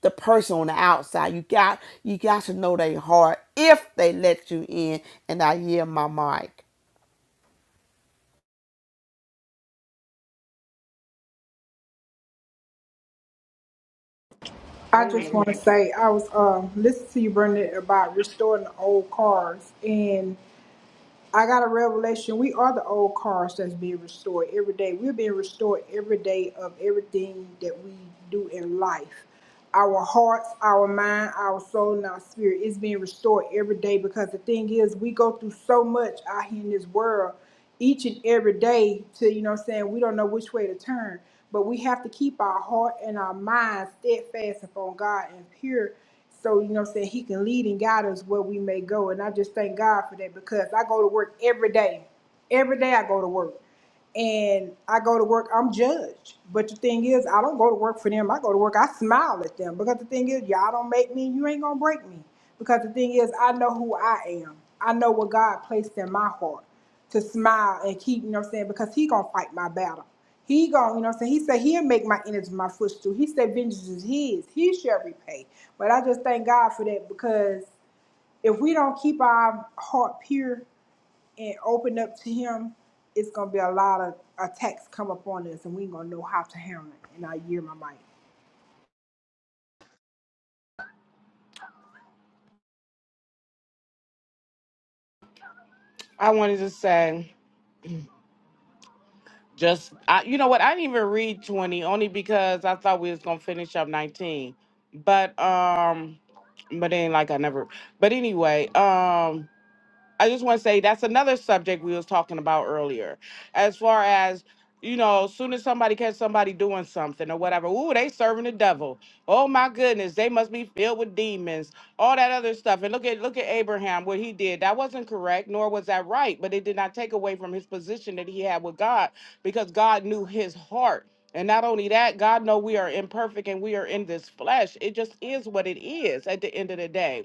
the person on the outside. You got you got to know their heart if they let you in. And I yield my mic.
I just
Amen.
want to say I was um listening to you, Brenda, about restoring the old cars, and I got a revelation. We are the old cars that's being restored every day. We're being restored every day of everything that we do in life. Our hearts, our mind, our soul, and our spirit is being restored every day because the thing is, we go through so much out here in this world each and every day to, you know what I'm saying, we don't know which way to turn. But we have to keep our heart and our mind steadfast upon God and pure so, you know what I'm saying? He can lead and guide us where we may go. And I just thank God for that because I go to work every day. Every day I go to work and I go to work, I'm judged. But the thing is, I don't go to work for them. I go to work, I smile at them because the thing is, y'all don't make me, you ain't gonna break me. Because the thing is, I know who I am. I know what God placed in my heart to smile and keep, you know what I'm saying? Because He gonna fight my battle. He gonna, you know what I'm saying? He said He'll make my enemies my footstool. He said vengeance is His. He shall repay. But I just thank God for that because if we don't keep our heart pure and open up to him, it's gonna be a lot of attacks come up on us, and we ain't gonna know how to handle it. And I year my mic.
I wanted to say just I, you know what I didn't even read twenty only because I thought we was gonna finish up nineteen, but um, but then like I never. But anyway, um. I just want to say that's another subject we was talking about earlier, as far as you know, as soon as somebody catch somebody doing something or whatever, ooh, they serving the devil. Oh my goodness, they must be filled with demons, all that other stuff. And look at look at Abraham, what he did. That wasn't correct, nor was that right, but it did not take away from his position that he had with God, because God knew his heart. And not only that, God know we are imperfect and we are in this flesh. It just is what it is at the end of the day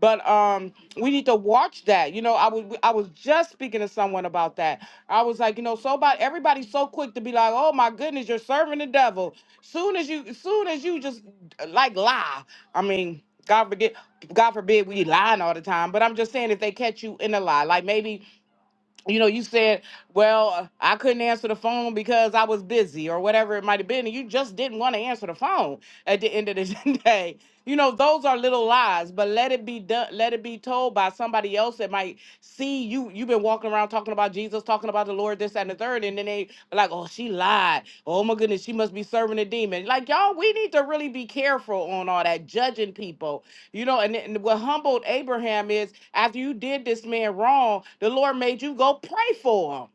but um, we need to watch that. You know, I was I was just speaking to someone about that. I was like, you know, so about everybody's so quick to be like, oh my goodness, you're serving the devil. Soon as you, soon as you just uh, like lie. I mean, God forbid, God forbid, we lying all the time. But I'm just saying, if they catch you in a lie, like maybe you know, you said, well, uh, I couldn't answer the phone because I was busy or whatever it might have been. And you just didn't want to answer the phone at the end of the day. You know, those are little lies, but let it be done, let it be told by somebody else that might see you. You've been walking around talking about Jesus, talking about the Lord, this that, and the third. And then they like, oh, she lied. Oh my goodness, she must be serving a demon. Like, y'all, we need to really be careful on all that judging people you know, and, and what humbled Abraham is after you did this man wrong, the Lord made you go pray for him.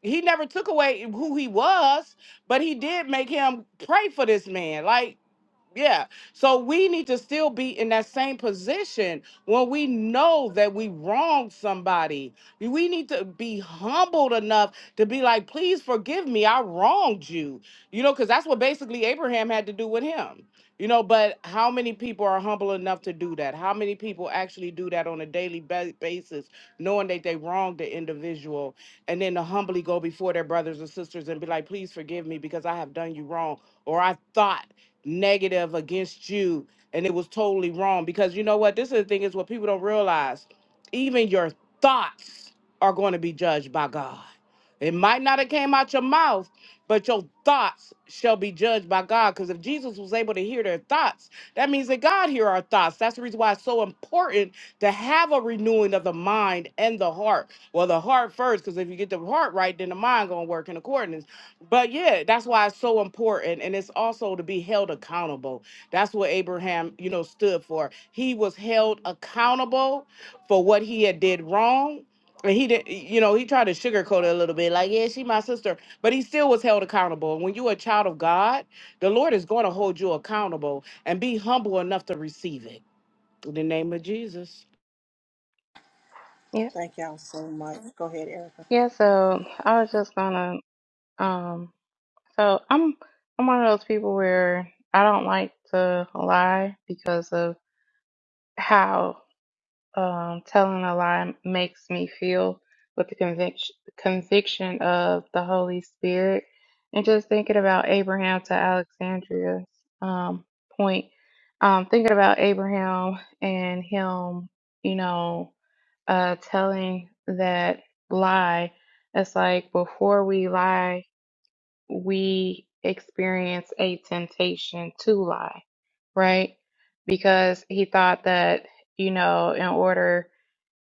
He never took away who he was, but he did make him pray for this man. Like yeah. So we need to still be in that same position when we know that we wronged somebody. We need to be humbled enough to be like, please forgive me. I wronged you. You know, because that's what basically Abraham had to do with him. You know, but how many people are humble enough to do that? How many people actually do that on a daily ba- basis, knowing that they wronged the individual, and then to humbly go before their brothers and sisters and be like, please forgive me because I have done you wrong, or I thought negative against you and it was totally wrong because you know what this is the thing is what people don't realize even your thoughts are going to be judged by god it might not have came out your mouth but your thoughts shall be judged by god because if jesus was able to hear their thoughts that means that god hear our thoughts that's the reason why it's so important to have a renewing of the mind and the heart well the heart first because if you get the heart right then the mind gonna work in accordance but yeah, that's why it's so important. And it's also to be held accountable. That's what Abraham, you know, stood for. He was held accountable for what he had did wrong. And he did, you know, he tried to sugarcoat it a little bit, like, yeah, she my sister, but he still was held accountable. And when you're a child of God, the Lord is going to hold you accountable and be humble enough to receive it. In the name of Jesus.
Yeah,
Thank y'all so much. Go ahead, Erica.
yeah. So I was just gonna. Um, so I'm I'm one of those people where I don't like to lie because of how um, telling a lie makes me feel with the conviction conviction of the Holy Spirit, and just thinking about Abraham to Alexandria's um, point. Um, thinking about Abraham and him, you know. uh, telling that lie, it's like before we lie, we experience a temptation to lie, right? Because he thought that, you know, in order,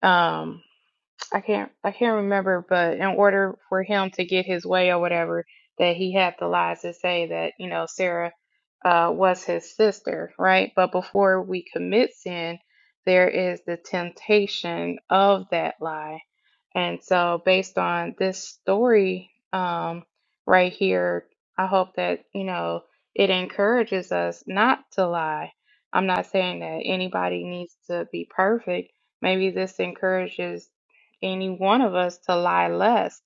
um, I can't, I can't remember, but in order for him to get his way or whatever, that he had to lie to say that, you know, Sarah, uh, was his sister, right? But before we commit sin, there is the temptation of that lie and so, based on this story um, right here, I hope that, you know, it encourages us not to lie. I'm not saying that anybody needs to be perfect. Maybe this encourages any one of us to lie less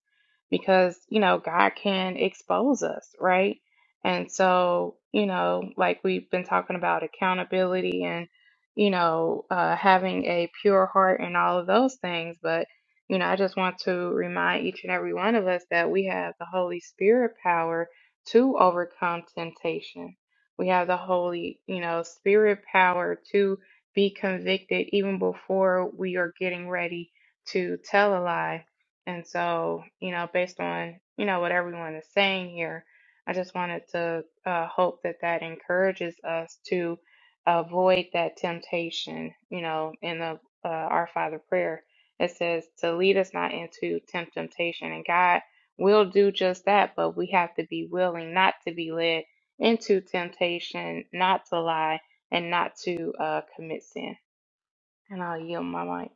because, you know, God can expose us, right? And so, you know, like we've been talking about accountability and, you know, uh, having a pure heart and all of those things, but you know, I just want to remind each and every one of us that we have the Holy Spirit power to overcome temptation. We have the Holy, you know, Spirit power to be convicted even before we are getting ready to tell a lie. And so, you know, based on, you know, what everyone is saying here, I just wanted to uh, hope that that encourages us to avoid that temptation, you know, in the uh, Our Father prayer it says to lead us not into temptation. And God will do just that, but we have to be willing not to be led into temptation, not to lie, and not to uh, commit sin. And I'll yield my mic.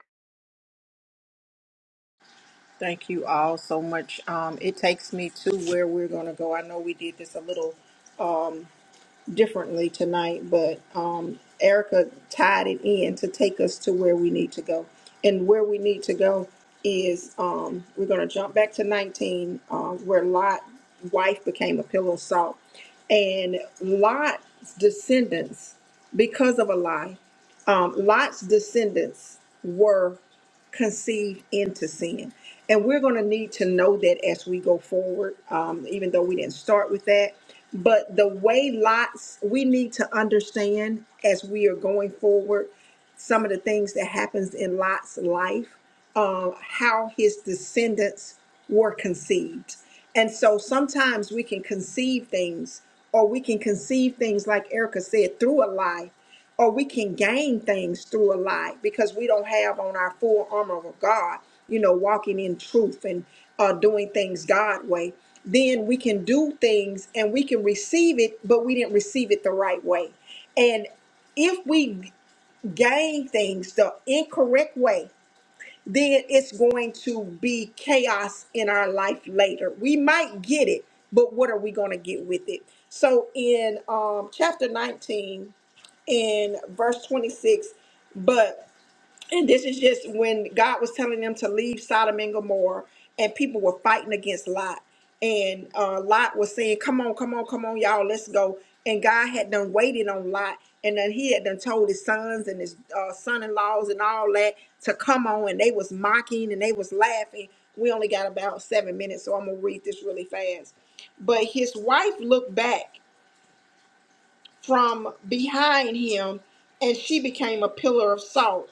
Thank you all so much. Um, it takes me to where we're going to go. I know we did this a little differently tonight, but um, Erica tied it in to take us to where we need to go. And where we need to go is um, we're going to jump back to 19, um, where Lot's wife became a pillar of salt. And Lot's descendants, because of a lie, um, Lot's descendants were conceived into sin. And we're going to need to know that as we go forward, um, even though we didn't start with that. But the way lots, we need to understand as we are going forward some of the things that happens in Lot's life, uh, how his descendants were conceived. And so sometimes we can conceive things, or we can conceive things like Erica said, through a lie or we can gain things through a lie because we don't have on our full armor of God, you know, walking in truth and uh, doing things God way, then we can do things and we can receive it, but we didn't receive it the right way. And if we gain things the incorrect way, then it's going to be chaos in our life later. We might get it, but what are we going to get with it? So in um, chapter 19, in verse 26 but and this is just when god was telling them to leave sodom and gomorrah and people were fighting against lot and uh, lot was saying come on come on come on y'all let's go and god had done waited on lot and then he had done told his sons and his uh, son-in-laws and all that to come on and they was mocking and they was laughing we only got about seven minutes so i'm gonna read this really fast but his wife looked back from behind him, and she became a pillar of salt.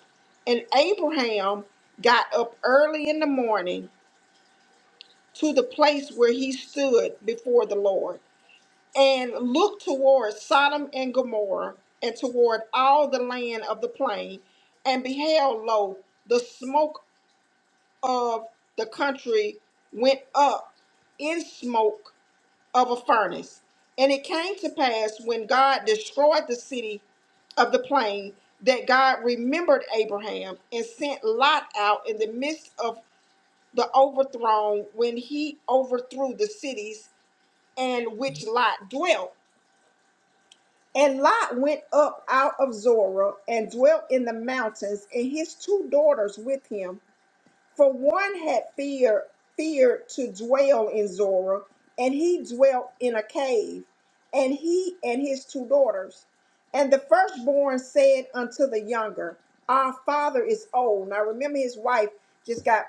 And Abraham got up early in the morning to the place where he stood before the Lord and looked toward Sodom and Gomorrah and toward all the land of the plain and beheld, lo, the smoke of the country went up in smoke of a furnace. And it came to pass when God destroyed the city of the plain that God remembered Abraham and sent Lot out in the midst of the overthrown when he overthrew the cities and which Lot dwelt. And Lot went up out of Zorah and dwelt in the mountains, and his two daughters with him. For one had fear, feared to dwell in Zorah, and he dwelt in a cave, and he and his two daughters. And the firstborn said unto the younger, Our father is old. Now remember, his wife just got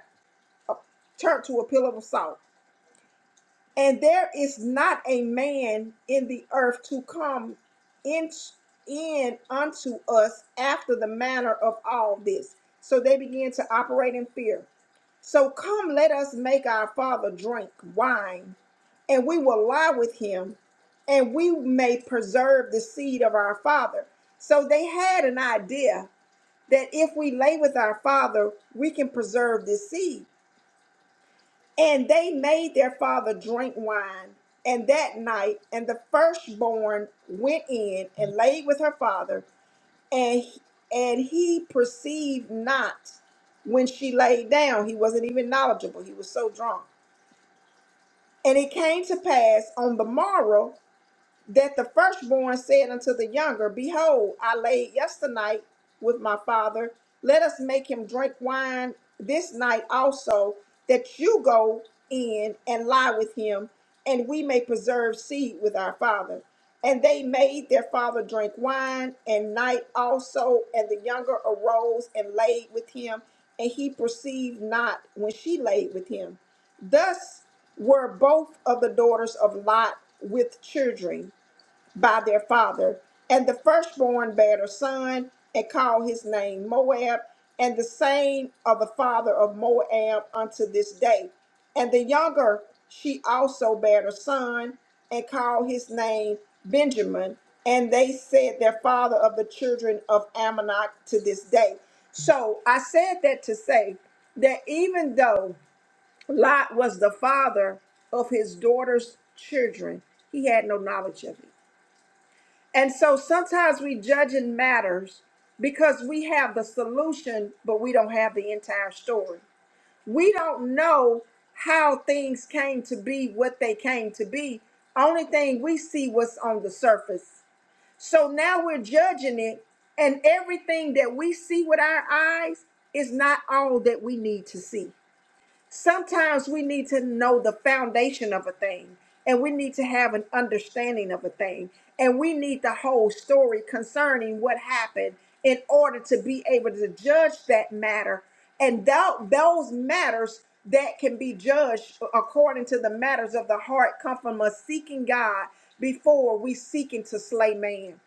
turned to a pillar of salt. And there is not a man in the earth to come in, in unto us after the manner of all this. So they began to operate in fear. So come, let us make our father drink wine, and we will lie with him, and we may preserve the seed of our father. So they had an idea that if we lay with our father, we can preserve the seed. And they made their father drink wine. And that night, and the firstborn went in and laid with her father, and and he perceived not when she laid down. He wasn't even knowledgeable. He was so drunk. And it came to pass on the morrow that the firstborn said unto the younger, Behold, I laid yesternight with my father. Let us make him drink wine this night also, that you go in and lie with him, and we may preserve seed with our father. And they made their father drink wine and night also, and the younger arose and laid with him, and he perceived not when she laid with him. Thus were both of the daughters of Lot with children by their father, and the firstborn bare a son, and called his name Moab, and the same of the father of Moab unto this day. And the younger she also bare a son, and called his name Benjamin. And they said their father of the children of Ammonok to this day. So I said that to say that even though Lot was the father of his daughter's children, he had no knowledge of it. And so sometimes we judging matters because we have the solution, but we don't have the entire story. We don't know how things came to be what they came to be. Only thing we see what's on the surface. So now we're judging it, and everything that we see with our eyes is not all that we need to see. Sometimes we need to know the foundation of a thing, and we need to have an understanding of a thing, and we need the whole story concerning what happened in order to be able to judge that matter. And tho- those matters that can be judged according to the matters of the heart come from us seeking God before we seeking to slay man.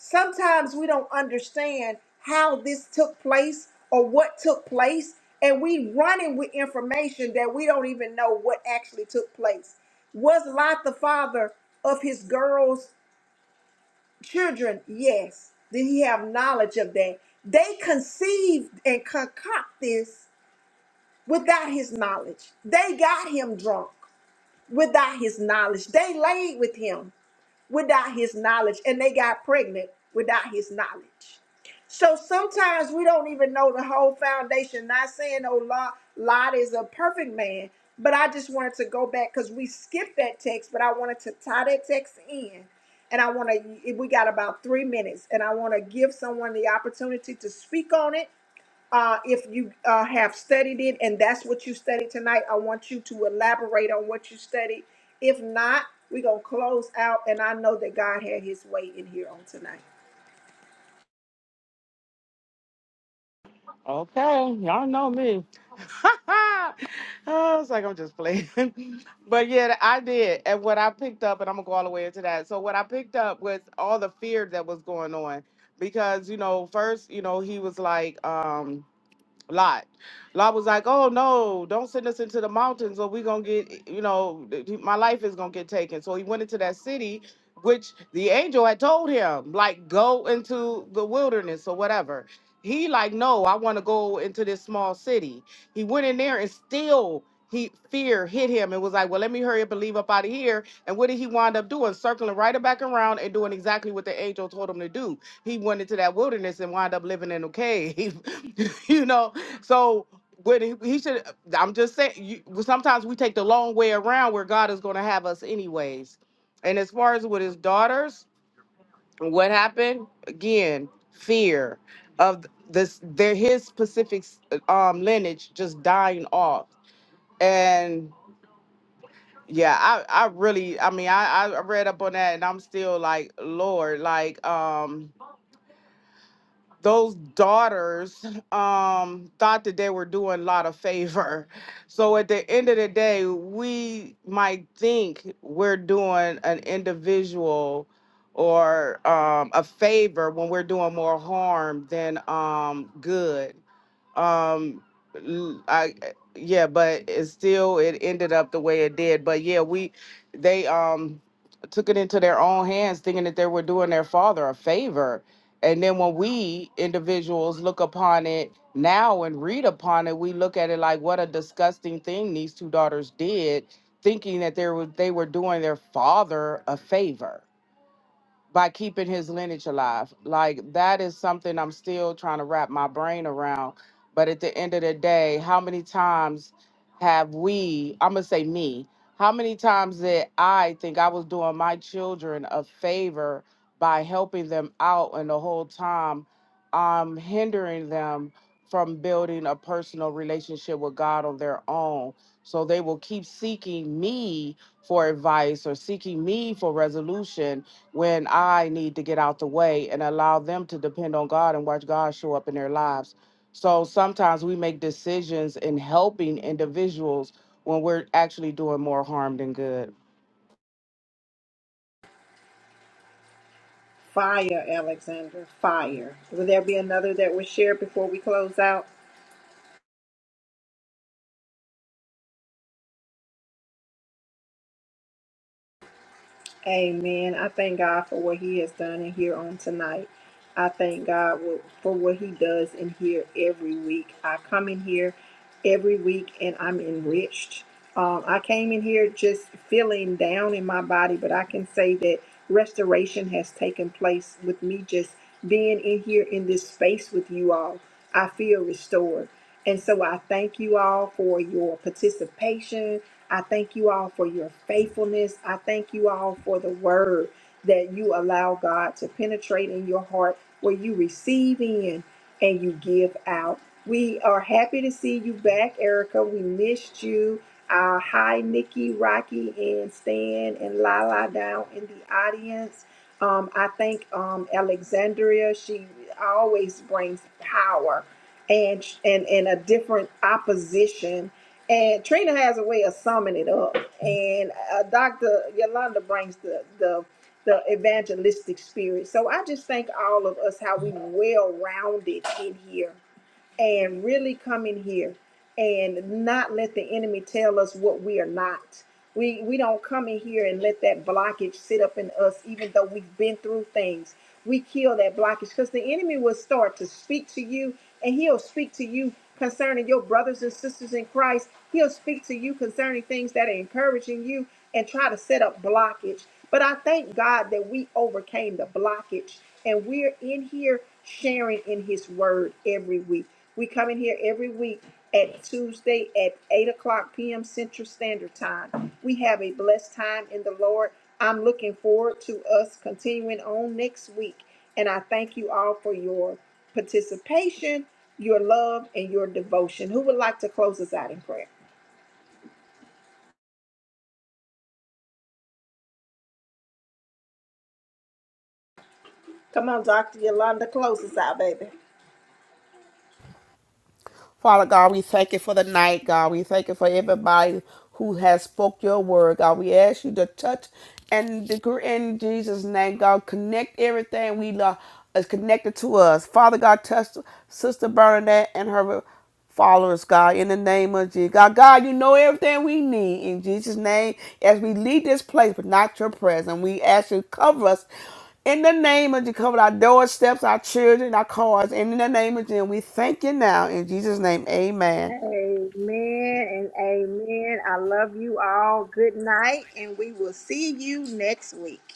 Sometimes we don't understand how this took place or what took place, and we running with information that we don't even know what actually took place. Was Lot the father of his girls' children? Yes. Did he have knowledge of that? They conceived and concoct this without his knowledge. They got him drunk without his knowledge. They laid with him without his knowledge, and they got pregnant without his knowledge. So sometimes we don't even know the whole foundation. Not saying, oh, Lot, Lot is a perfect man, but I just wanted to go back because we skipped that text, but I wanted to tie that text in. And I want to, we got about three minutes, and I want to give someone the opportunity to speak on it uh, if you uh, have studied it and that's what you studied tonight, I want you to elaborate on what you studied. If not, we're going to close out. And I know that God had his way in here on tonight.
Okay, y'all know me. oh, it's like I'm just playing. but yeah, I did. And what I picked up, and I'm gonna go all the way into that. So what I picked up was all the fear that was going on. Because, you know, first, you know, he was like, um, Lot. Lot was like, "Oh no, don't send us into the mountains, or we're gonna get, you know, th- th- my life is gonna get taken." So he went into that city, which the angel had told him, like, go into the wilderness or whatever. He like, no, I want to go into this small city. He went in there and still he fear hit him and was like, well, let me hurry up and leave up out of here. And what did he wind up doing? Circling right back around and doing exactly what the angel told him to do. He went into that wilderness and wound up living in a cave. you know, so when he, he should, I'm just saying. You, well, sometimes we take the long way around where God is going to have us anyways. And as far as with his daughters, what happened again? Fear of this, their his specific um, lineage just dying off. And yeah, I, I really, I mean, I, I read up on that, and I'm still like, Lord, like, um. those daughters um, thought that they were doing a lot of favor. So at the end of the day, we might think we're doing an individual or um, a favor when we're doing more harm than um, good um l- i yeah but it still it ended up the way it did but yeah we they um took it into their own hands thinking that they were doing their father a favor and then when we individuals look upon it now and read upon it we look at it like what a disgusting thing these two daughters did thinking that they were they were doing their father a favor by keeping his lineage alive. Like that is something I'm still trying to wrap my brain around. But at the end of the day, how many times have we, I'm going to say me, how many times that I think I was doing my children a favor by helping them out and the whole time I'm hindering them from building a personal relationship with God on their own. So they will keep seeking me for advice or seeking me for resolution when I need to get out the way and allow them to depend on God and watch God show up in their lives. So sometimes we make decisions in helping individuals when we're actually doing more harm than good.
Fire, Alexander, fire. Will there be another that was shared before we close out? Amen. I thank God for what He has done in here on tonight. I thank God wo- for what He does in here every week. I come in here every week and I'm enriched. Um, I came in here just feeling down in my body, but I can say that restoration has taken place with me just being in here in this space with you all. I feel restored. And so I thank you all for your participation I thank you all for your faithfulness. I thank you all for the word that you allow God to penetrate in your heart where you receive in and you give out. We are happy to see you back, Erica. We missed you. Uh, hi, Nikki, Rocky, and Stan, and Lala down in the audience. Um, I thank um, Alexandria. She always brings power and and and a different opposition and Trina has a way of summing it up. And uh, Dr. Yolanda brings the, the the evangelistic spirit. So I just thank all of us how we well rounded in here and really come in here and not let the enemy tell us what we are not. We we don't come in here and let that blockage sit up in us, even though we've been through things. We kill that blockage because the enemy will start to speak to you, and he'll speak to you concerning your brothers and sisters in Christ. He'll speak to you concerning things that are encouraging you and try to set up blockage. But I thank God that we overcame the blockage and we're in here sharing in his word every week. We come in here every week at Tuesday at 8 o'clock p.m. Central Standard Time. We have a blessed time in the Lord. I'm looking forward to us continuing on next week. And I thank you all for your participation, your love, and your devotion. Who would like to close us out in prayer? Come on, Dr. Yolanda, close us out, baby.
Father God, we thank you for the night, God. We thank you for everybody who has spoke your word, God. We ask you to touch and degree in Jesus' name, God. Connect everything we love is connected to us. Father God, touch Sister Bernadette and her followers, God, in the name of Jesus. God, God, you know everything we need in Jesus' name as we leave this place, but not your presence. We ask you to cover us in the name of Jesus. Cover our doorsteps, our children, our cars. And in the name of Jesus, we thank you now in Jesus' name. Amen.
Amen and amen. I love you all. Good night, and we will see you next week.